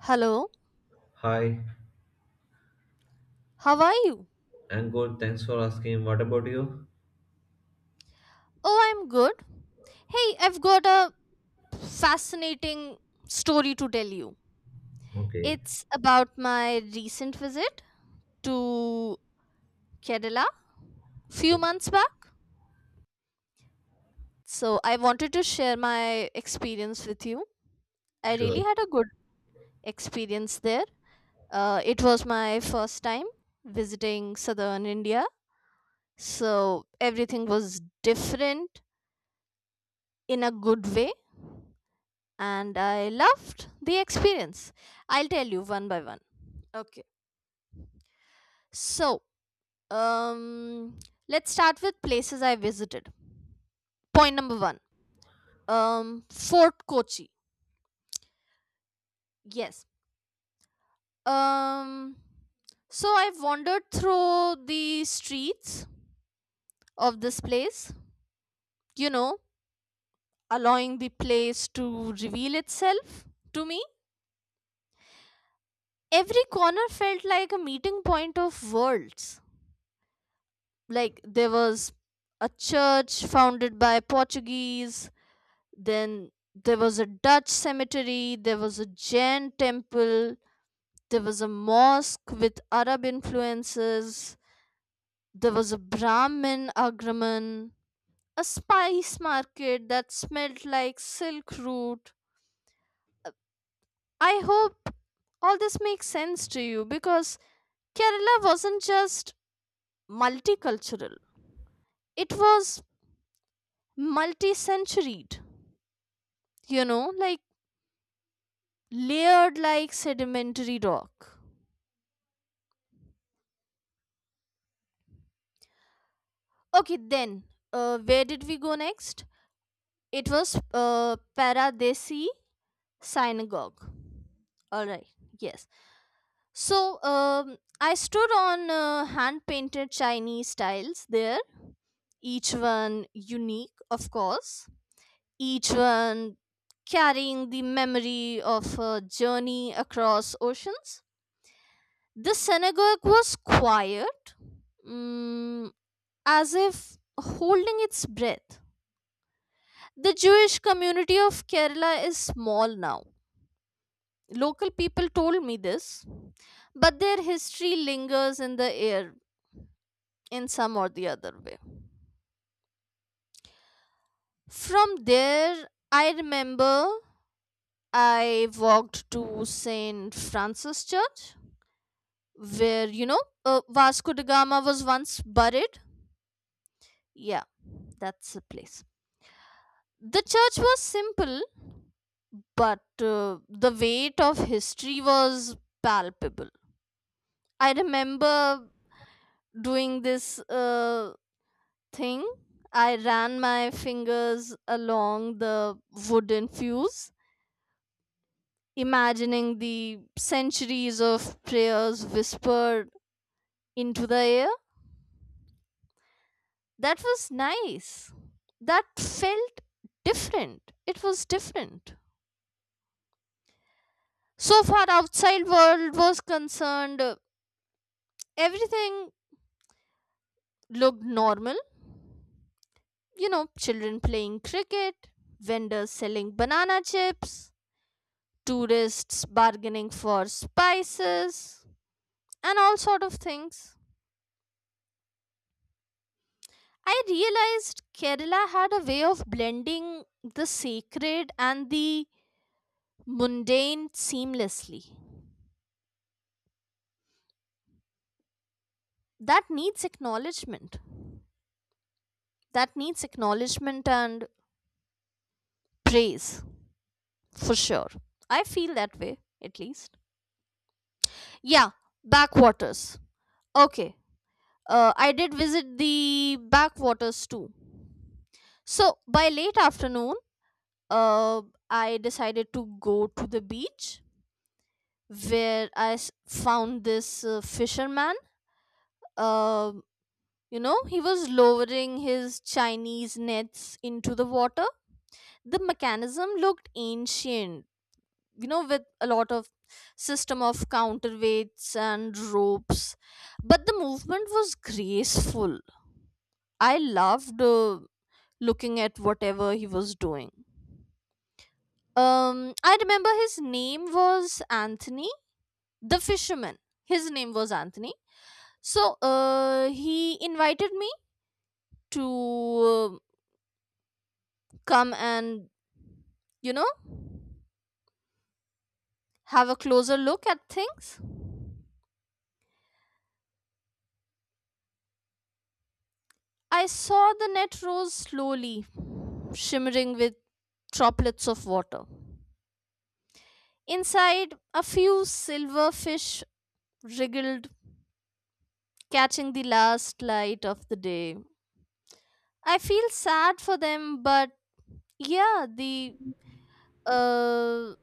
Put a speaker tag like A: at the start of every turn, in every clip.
A: Hello,
B: Hi,
A: how are you?
B: I'm good. Thanks for asking. What about you?
A: Oh, I'm good. Hey, I've got a fascinating story to tell you.
B: Okay,
A: It's about my recent visit to Kerala few
B: okay,
A: months back. So, I wanted to share my experience with you. I
B: sure.
A: really had a good experience there. It was my first time visiting southern India. So, everything was different in a good way and I loved the experience. I'll tell you one by one. Okay. So, um, let's start with places I visited. Point number one. Fort Kochi. Yes. Um, so I wandered through the streets of this place. You know, allowing the place to reveal itself to me. Every corner felt like a meeting point of worlds, like there was a church founded by portuguese, then there was a dutch cemetery, there was a jain temple, there was a mosque with arab influences, there was a brahmin agraman, a spice market that smelled like silk root. I hope all this makes sense to you, because kerala wasn't just multicultural, it was multi-centuried, you know, like layered like sedimentary rock. Okay, then where did we go next? It was Paradesi Synagogue. All right, yes. So I stood on hand painted Chinese tiles there, each one unique, of course, each one carrying the memory of a journey across oceans. The synagogue was quiet, mm, as if holding its breath. The Jewish community of Kerala is small now. Local people told me this, but their history lingers in the air in some or the other way. From there, I remember I walked to St. Francis Church, where, Vasco da Gama was once buried. Yeah, that's the place. The church was simple, but the weight of history was palpable. I remember doing this thing. I ran my fingers along the wooden fuse, imagining the centuries of prayers whispered into the air. That was nice. That felt different. It was different. So far outside world was concerned, everything looked normal, you know, children playing cricket, vendors selling banana chips, tourists bargaining for spices, and all sort of things. I realized Kerala had a way of blending the sacred and the mundane seamlessly. That needs acknowledgement. That needs acknowledgement and praise for sure. I feel that way, at least. Yeah, backwaters. Okay, I did visit the backwaters too. So by late afternoon, uh, I decided to go to the beach where found this fisherman. Uh, he was lowering his Chinese nets into the water. The mechanism looked ancient, you know, with a lot of system of counterweights and ropes, but the movement was graceful. I loved looking at whatever he was doing. I remember his name was Anthony, the fisherman. His name was Anthony. So he invited me to uh, come and, you know, have a closer look at things. I saw the net rose slowly, shimmering with droplets of water. Inside, a few silver fish wriggled, catching the last light of the day. I feel sad for them, but yeah, the uh,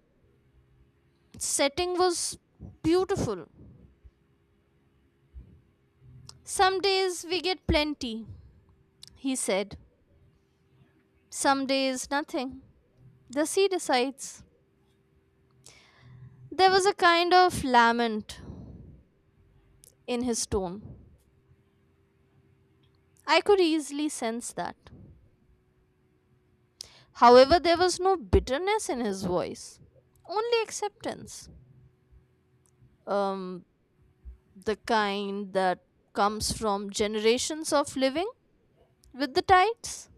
A: setting was beautiful. Some days we get plenty, he said. Some days nothing. The sea decides. There was a kind of lament in his tone. I could easily sense that. However, there was no bitterness in his voice, only acceptance. Um, the kind that comes from generations of living with the tides.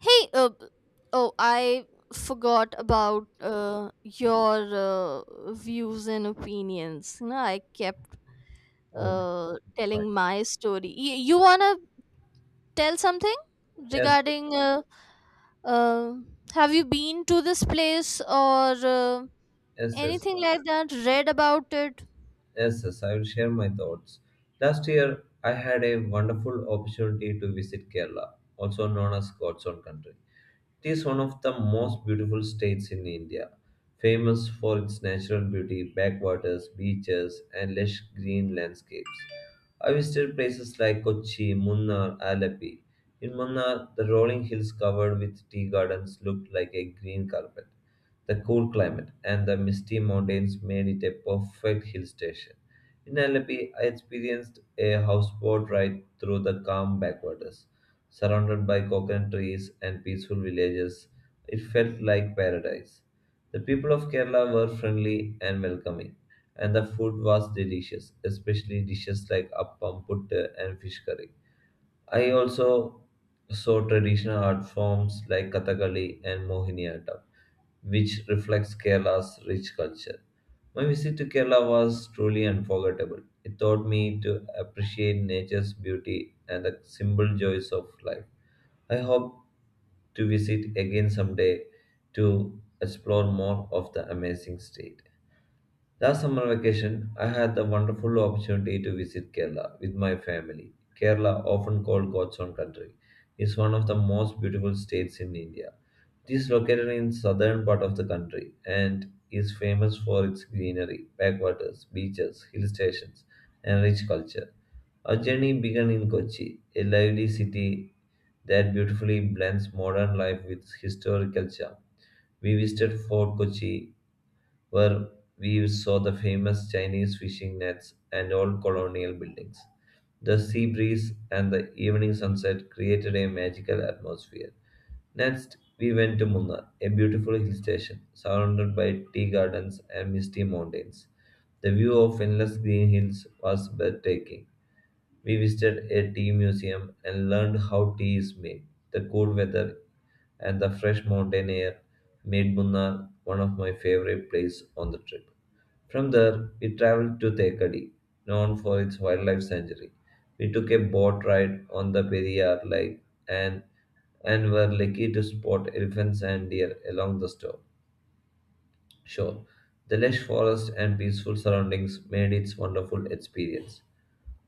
A: Hey, oh, I forgot about your views and opinions. You know, I kept
B: Okay, fine.
A: telling my story. You wanna tell something
B: Yes,
A: regarding? Uh, have you been to this place, or
B: yes, yes,
A: anything like that? Read about it?
B: yes. I will share my thoughts. Last year, I had a wonderful opportunity to visit Kerala, also known as God's own country. It is one of the most beautiful states in India, famous for its natural beauty, backwaters, beaches, and lush green landscapes. I visited places like Kochi, Munnar, Alapi. In Munnar, the rolling hills covered with tea gardens looked like a green carpet. The cool climate and the misty mountains made it a perfect hill station. In Alapi, I experienced a houseboat ride through the calm backwaters surrounded by coconut trees and peaceful villages. It felt like paradise. The people of Kerala were friendly and welcoming, and the food was delicious, especially dishes like appam, puttu, and fish curry. I also saw traditional art forms like Kathakali and Mohiniyattam, which reflects Kerala's rich culture. My visit to Kerala was truly unforgettable. It taught me to appreciate nature's beauty and the simple joys of life. I hope to visit again someday to explore more of the amazing state. Last summer vacation, I had the wonderful opportunity to visit Kerala with my family. Kerala, often called God's own country, is one of the most beautiful states in India. It is located in southern part of the country and is famous for its greenery, backwaters, beaches, hill stations, and rich culture. Our journey began in Kochi, a lively city that beautifully blends modern life with historical charm. We visited Fort Kochi, where we saw the famous Chinese fishing nets and old colonial buildings. The sea breeze and the evening sunset created a magical atmosphere. Next, we went to Munnar, a beautiful hill station surrounded by tea gardens and misty mountains. The view of endless green hills was breathtaking. We visited a tea museum and learned how tea is made. The cool weather and the fresh mountain air made Munnar one of my favorite places on the trip. From there, we traveled to Thekadi, known for its wildlife sanctuary. We took a boat ride on the Periyar Lake and, and were lucky to spot elephants and deer along the shore. Sure, the lush forest and peaceful surroundings made it wonderful experience.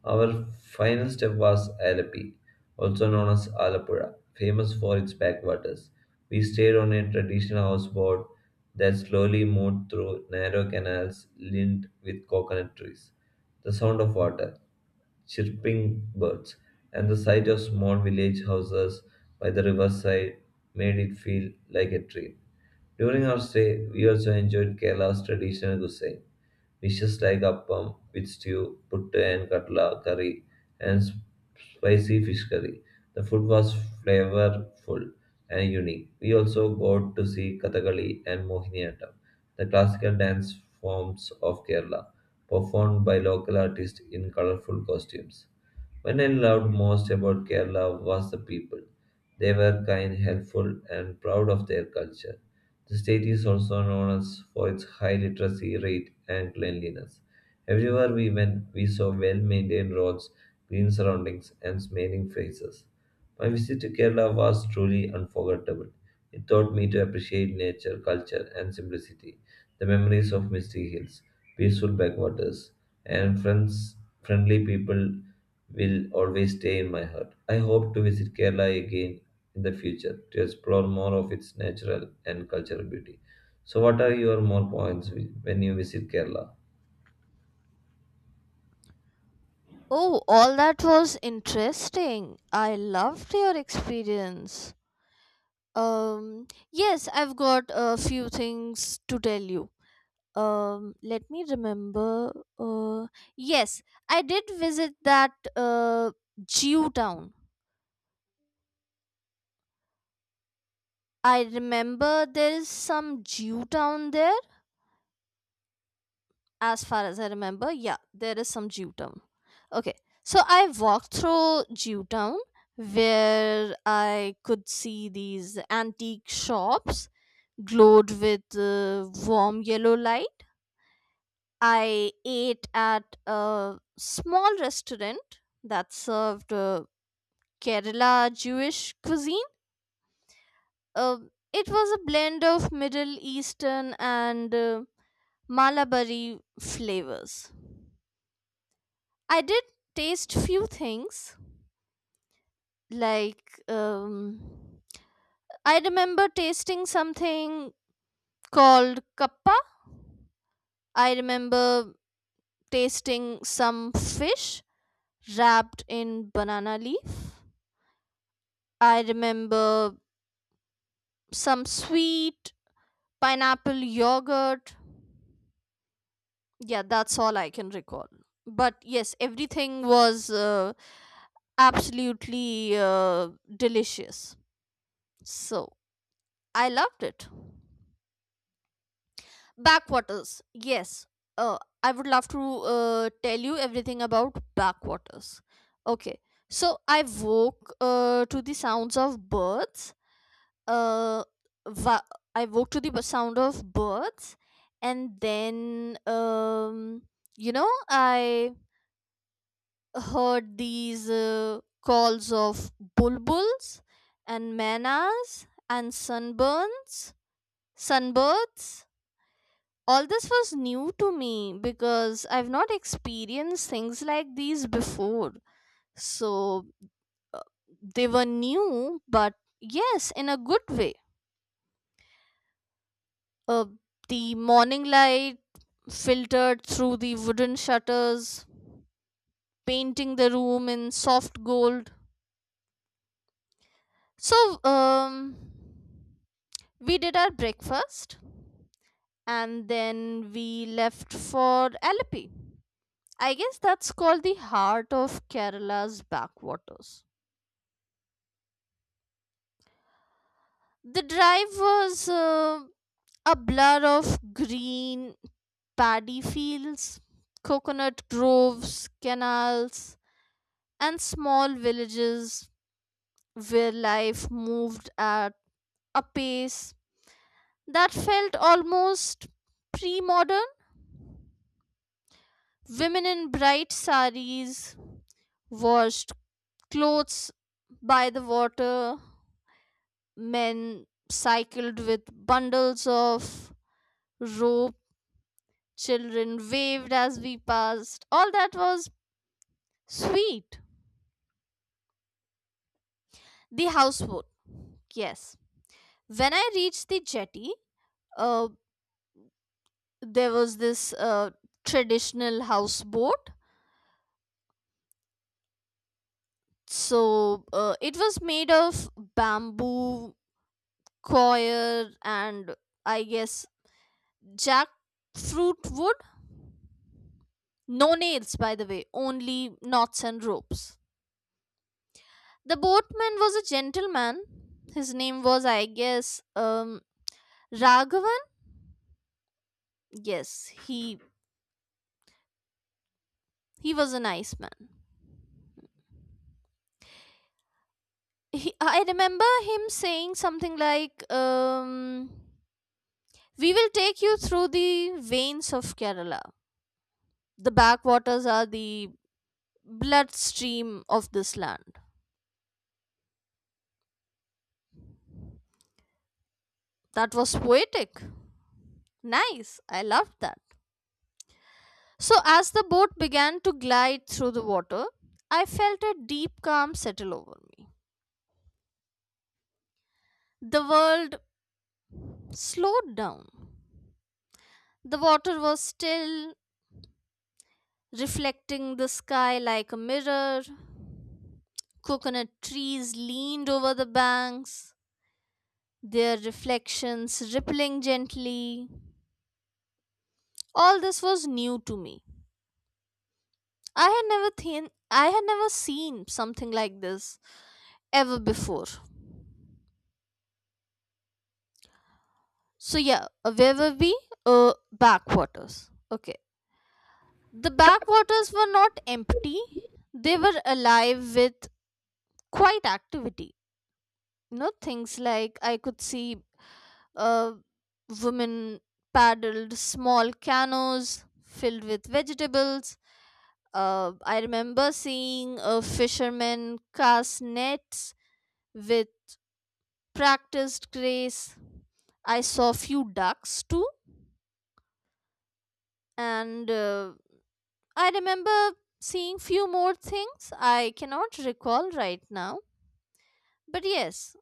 B: Our final step was Alapi, also known as Alapura, famous for its backwaters. We stayed on a traditional houseboat that slowly moved through narrow canals lined with coconut trees. The sound of water, chirping birds, and the sight of small village houses by the riverside made it feel like a dream. During our stay, we also enjoyed Kerala's traditional cuisine. Dishes like appam with stew, puttu and katla curry, and spicy fish curry. The food was flavorful and unique. We also got to see Kathakali and Mohiniyattam, the classical dance forms of Kerala, performed by local artists in colorful costumes. When I loved most about Kerala was the people. They were kind, helpful, and proud of their culture. The state is also known as for its high literacy rate and cleanliness. Everywhere we went, we saw well maintained roads, green surroundings, and smiling faces. My visit to Kerala was truly unforgettable. It taught me to appreciate nature, culture, and simplicity. The memories of misty hills, peaceful backwaters, and friendly people will always stay in my heart. I hope to visit Kerala again in the future to explore more of its natural and cultural beauty. So, what are your more points when you visit Kerala?
A: Oh, all that was interesting. I loved your experience. Yes, I've got a few things to tell you. Let me remember. uh yes, I did visit that jew town. I remember there is some jew town there, as far as I remember. Yeah, there is some jew town. Okay, so I walked through jew town, where I could see these antique shops glowed with warm yellow light. I ate at a small restaurant that served Kerala Jewish cuisine. Uh, it was a blend of Middle Eastern and Malabari flavors. I did taste few things, like I remember tasting something called kappa. I remember tasting some fish wrapped in banana leaf. I remember some sweet pineapple yogurt. Yeah, that's all I can recall. But yes, everything was absolutely delicious. So I loved it. Backwaters. Yes. I would love to tell you everything about backwaters. Okay. So I woke to the sounds of birds. Uh, va- I woke to the sound of birds. And then, I heard these calls of bulbuls and manas and sunbirds. All this was new to me because I've not experienced things like these before. So uh, they were new, but yes, in a good way. Uh, the morning light filtered through the wooden shutters, painting the room in soft gold. So, we did our breakfast and then we left for Alleppey. I guess that's called the heart of Kerala's backwaters. The drive was a blur of green paddy fields, coconut groves, canals, and small villages where life moved at a pace that felt almost pre modern. Women in bright saris washed clothes by the water. Men cycled with bundles of rope. Children waved as we passed. All that was sweet. The houseboat, yes. When I reached the jetty, uh, there was this traditional houseboat. So it was made of bamboo, coir, and I guess jackfruit wood. No nails, by the way, only knots and ropes. The boatman was a gentleman. His name was, I guess, Raghavan. Yes, he was a nice man. He, I remember him saying something like, "We will take you through the veins of Kerala. The backwaters are the bloodstream of this land." That was poetic. Nice. I loved that. So, as the boat began to glide through the water, I felt a deep calm settle over me. The world slowed down. The water was still, reflecting the sky like a mirror. Coconut trees leaned over the banks, their reflections rippling gently. All this was new to me. I had never seen something like this ever before. So yeah, where were we? Backwaters. Okay, the backwaters were not empty; they were alive with quite activity. You know, things like I could see uh, women paddled small canoes filled with vegetables. I remember seeing a fisherman cast nets with practiced grace. I saw few ducks too, and I remember seeing few more things I cannot recall right now. But yes,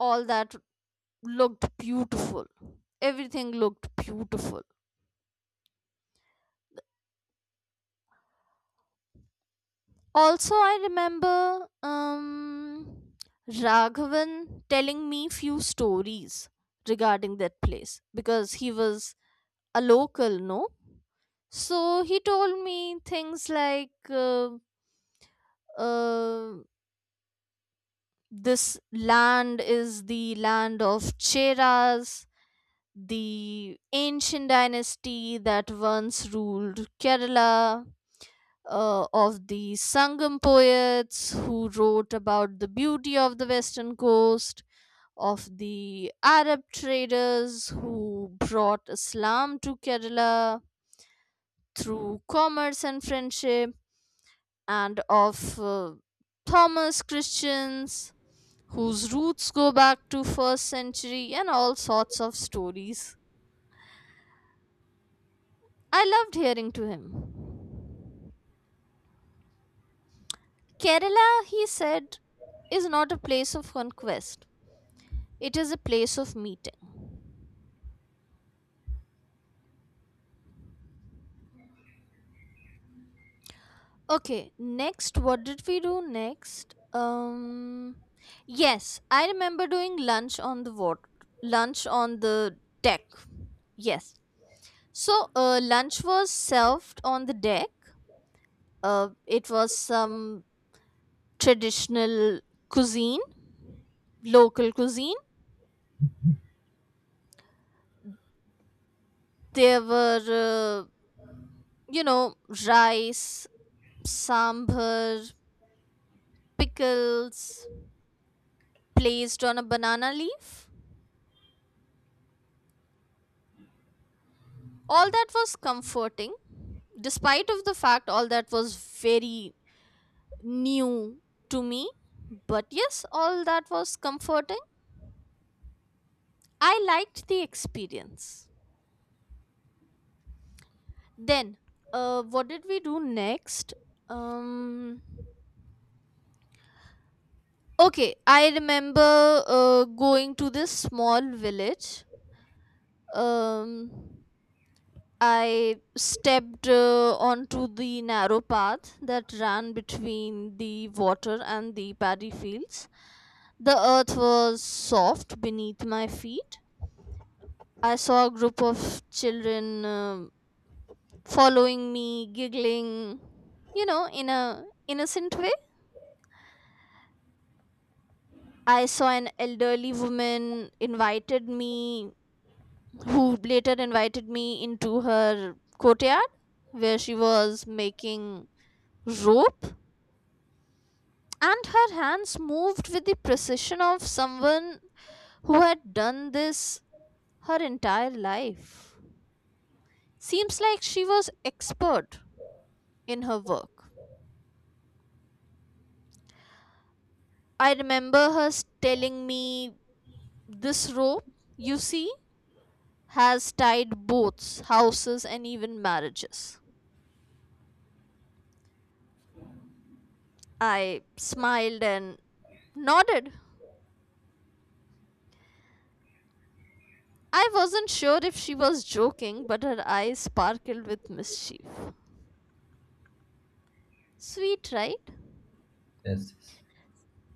A: all that looked beautiful. Everything looked beautiful. Also, I remember Raghavan telling me few stories regarding that place, because he was a local, no? So he told me things like uh, this land is the land of Cheras, the ancient dynasty that once ruled Kerala, of the Sangam poets who wrote about the beauty of the western coast, of the Arab traders who brought Islam to Kerala through commerce and friendship, and of Thomas Christians whose roots go back to first century, and all sorts of stories I loved hearing to him. Kerala, he said, is not a place of conquest. It is a place of meeting. Okay, next, what did we do next? Yes, I remember doing lunch on the water, lunch on the deck. Yes. So, lunch was served on the deck. It was some traditional cuisine, local cuisine. There were you know, rice, sambar, pickles placed on a banana leaf. All that was comforting, despite of the fact all that was very new to me. But yes, all that was comforting. I liked the experience. Then, what did we do next? Um, okay, I remember going to this small village. Um, I stepped onto the narrow path that ran between the water and the paddy fields. The earth was soft beneath my feet. I saw a group of children following me, giggling, you know, in a innocent way. I saw an elderly who later invited me into her courtyard where she was making rope, and her hands moved with the precision of someone who had done this her entire life. Seems like she was expert in her work. I remember telling me, this rope, you see, has tied boats, houses, and even marriages. I smiled and nodded. I wasn't sure if she was joking, but her eyes sparkled with mischief. Sweet, right?
B: Yes, yes.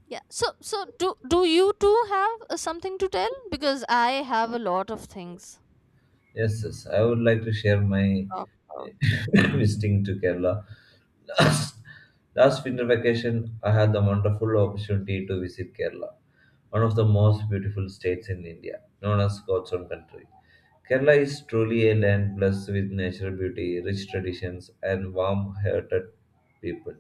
A: Yeah. So do you too have something to tell? Because I have a lot of things to
B: Yes. I would like to share my
A: talk about.
B: visiting to Kerala. Last, last winter vacation, I had the wonderful opportunity to visit Kerala, one of the most beautiful states in India, known as God's own country. Kerala is truly a land blessed with natural beauty, rich traditions, and warm hearted people.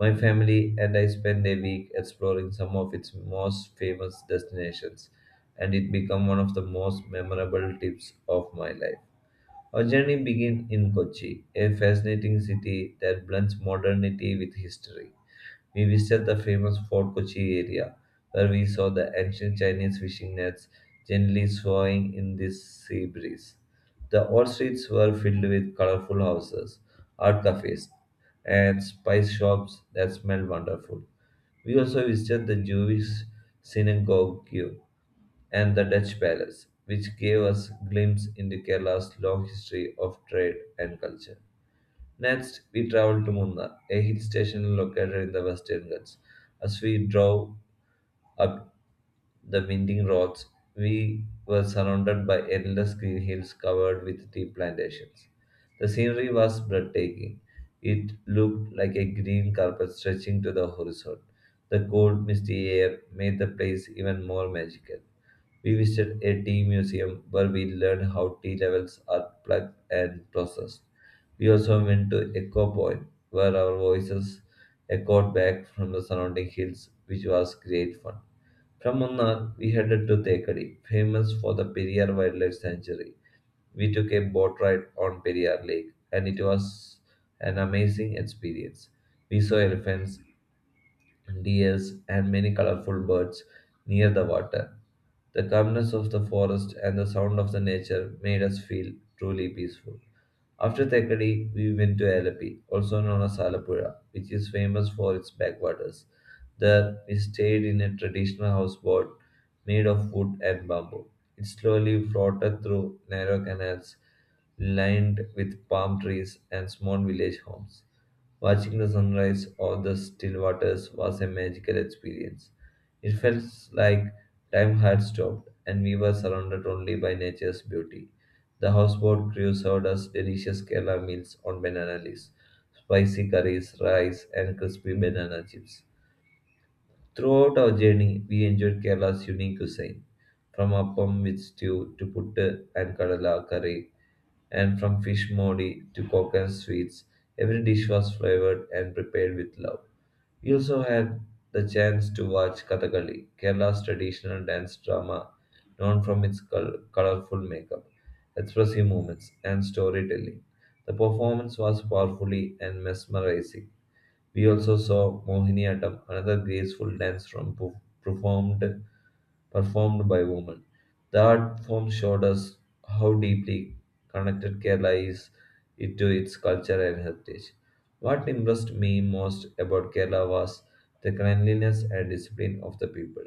B: My family and I spent a week exploring some of its most famous destinations, and it became one of the most memorable trips of my life. Our journey began in Kochi, a fascinating city that blends modernity with history. We visited the famous Fort Kochi area, where we saw the ancient Chinese fishing nets gently swaying in the sea breeze. The old streets were filled with colorful houses, art cafes, and spice shops that smelled wonderful. We also visited the Jewish synagogue and the Dutch palace, which gave us glimpse into Kerala's long history of trade and culture. Next, we traveled to Munnar, a hill station located in the Western Ghats. As we drove up the winding roads, we were surrounded by endless green hills covered with tea plantations. The scenery was breathtaking. It looked like a green carpet stretching to the horizon. The cold, misty air made the place even more magical. We visited a tea museum where we learned how tea levels are plucked and processed. We also went to Echo Point, where our voices echoed back from the surrounding hills, which was great fun. From Munnar, we headed to Thekadi, famous for the Periyar Wildlife Sanctuary. We took a boat ride on Periyar Lake, and it was an amazing experience. We saw elephants, deers, and many colorful birds near the water. The calmness of the forest and the sound of the nature made us feel truly peaceful. After Thekkady, we went to Alapi, also known as Alapura, which is famous for its backwaters. There, we stayed in a traditional houseboat made of wood and bamboo. It slowly floated through narrow canals lined with palm trees and small village homes. Watching the sunrise over the still waters was a magical experience. It felt like time had stopped and we were surrounded only by nature's beauty. The houseboat crew served us delicious Kerala meals on banana leaves, spicy curries, rice, and crispy banana chips. Throughout our journey, we enjoyed Kerala's unique cuisine, from appam with stew to puttu and kadala curry, and from fish modi to coconut sweets. Every dish was flavored and prepared with love. We also had the chance to watch Kathakali, Kerala's traditional dance drama known from its colorful makeup, expressive movements, and storytelling. The performance was powerfully and mesmerizing. We also saw Mohiniyattam, another graceful dance form performed performed by women. The art form showed us how deeply connected Kerala is it to its culture and heritage. What impressed me most about Kerala was the cleanliness and discipline of the people.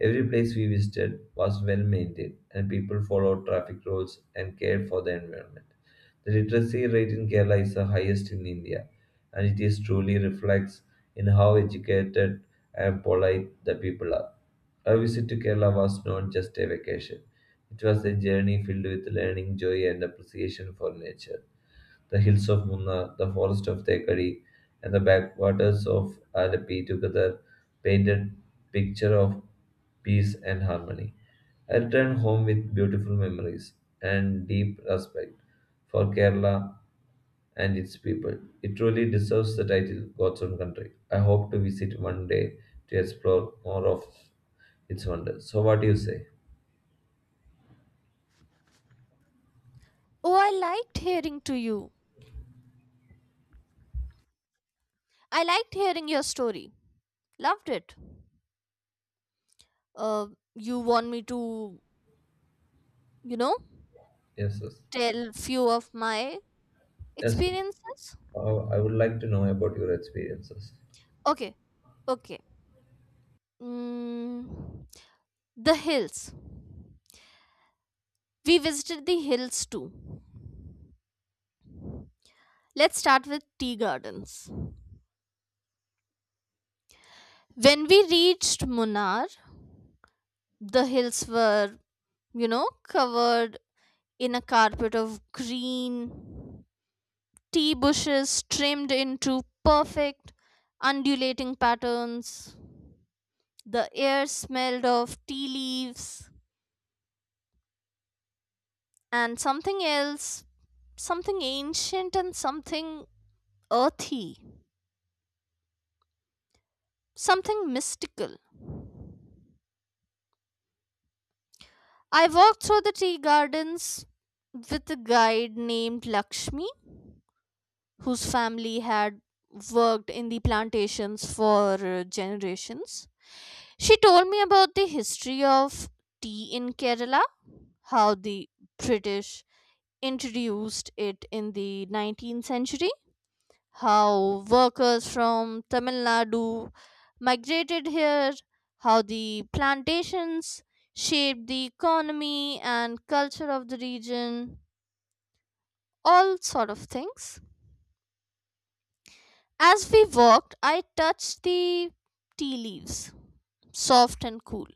B: Every place we visited was well maintained, and people followed traffic rules and cared for the environment. The literacy rate in Kerala is the highest in India, and it is truly reflects in how educated and polite the people are. Our visit to Kerala was not just a vacation. It was a journey filled with learning, joy, and appreciation for nature. The hills of Munnar, the forest of Thekadi, and the backwaters of Alappi together painted picture of peace and harmony. I returned home with beautiful memories and deep respect for Kerala and its people. It truly deserves the title God's own country. I hope to visit one day to explore more of its wonders. So, what do you say?
A: Oh, I liked hearing to you. I liked hearing your story. Loved it. Uh, you want me to, you know,
B: Yes, yes.
A: tell few of my
B: Yes, sir.
A: experiences?
B: I would like to know about your experiences.
A: Okay. Okay. Mm, the hills. We visited the hills too. Let's start with tea gardens. When we reached Munnar, the hills were, you know, covered in a carpet of green, tea bushes trimmed into perfect undulating patterns. The air smelled of tea leaves and something else, something ancient and something earthy, something mystical. I walked through the tea gardens with a guide named Lakshmi, whose family had worked in the plantations for generations. She told me about the history of tea in Kerala, how the British introduced it in the 19th century, how workers from Tamil Nadu migrated here, how the plantations shaped the economy and culture of the region, all sort of things. As we walked, I touched the tea leaves, soft and cool.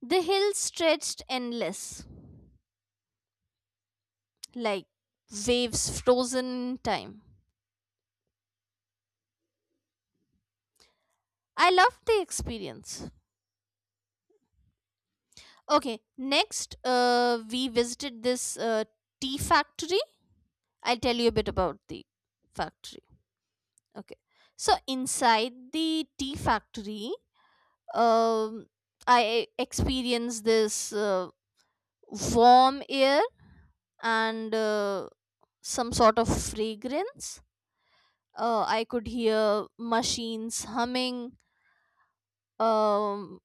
A: The hills stretched endless, like waves frozen in time. I loved the experience. Okay, next we visited this tea factory. I'll tell you a bit about the factory. Okay, so inside the tea factory, um, I experienced this warm air and some sort of fragrance. I could hear machines humming. Um,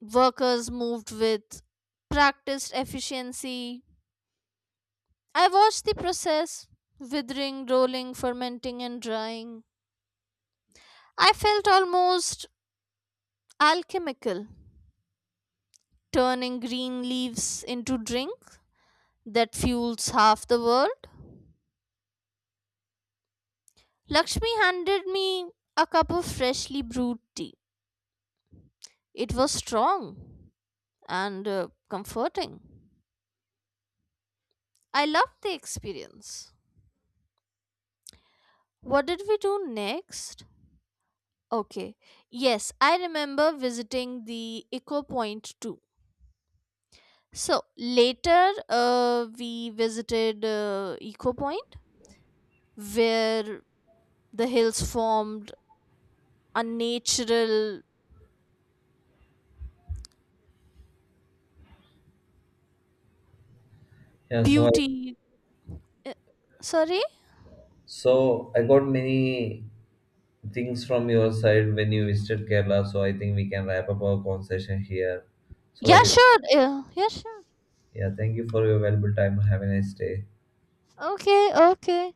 A: Workers moved with practiced efficiency. I watched the process, withering, rolling, fermenting, and drying. I felt almost alchemical, turning green leaves into drink that fuels half the world. Lakshmi handed me a cup of freshly brewed tea. It was strong and comforting. I loved the experience. What did we do next? Okay. Yes, I remember visiting the Eco Point too. So later, we visited Eco Point, where the hills formed a natural
B: Yeah,
A: beauty. Uh, sorry?
B: so I got many things from your side when you visited Kerala. So I think we can wrap up our conversation here. So what?
A: Yeah, sure. Yeah, sure.
B: Yeah, thank you for your valuable time. Have a nice day.
A: Okay, okay.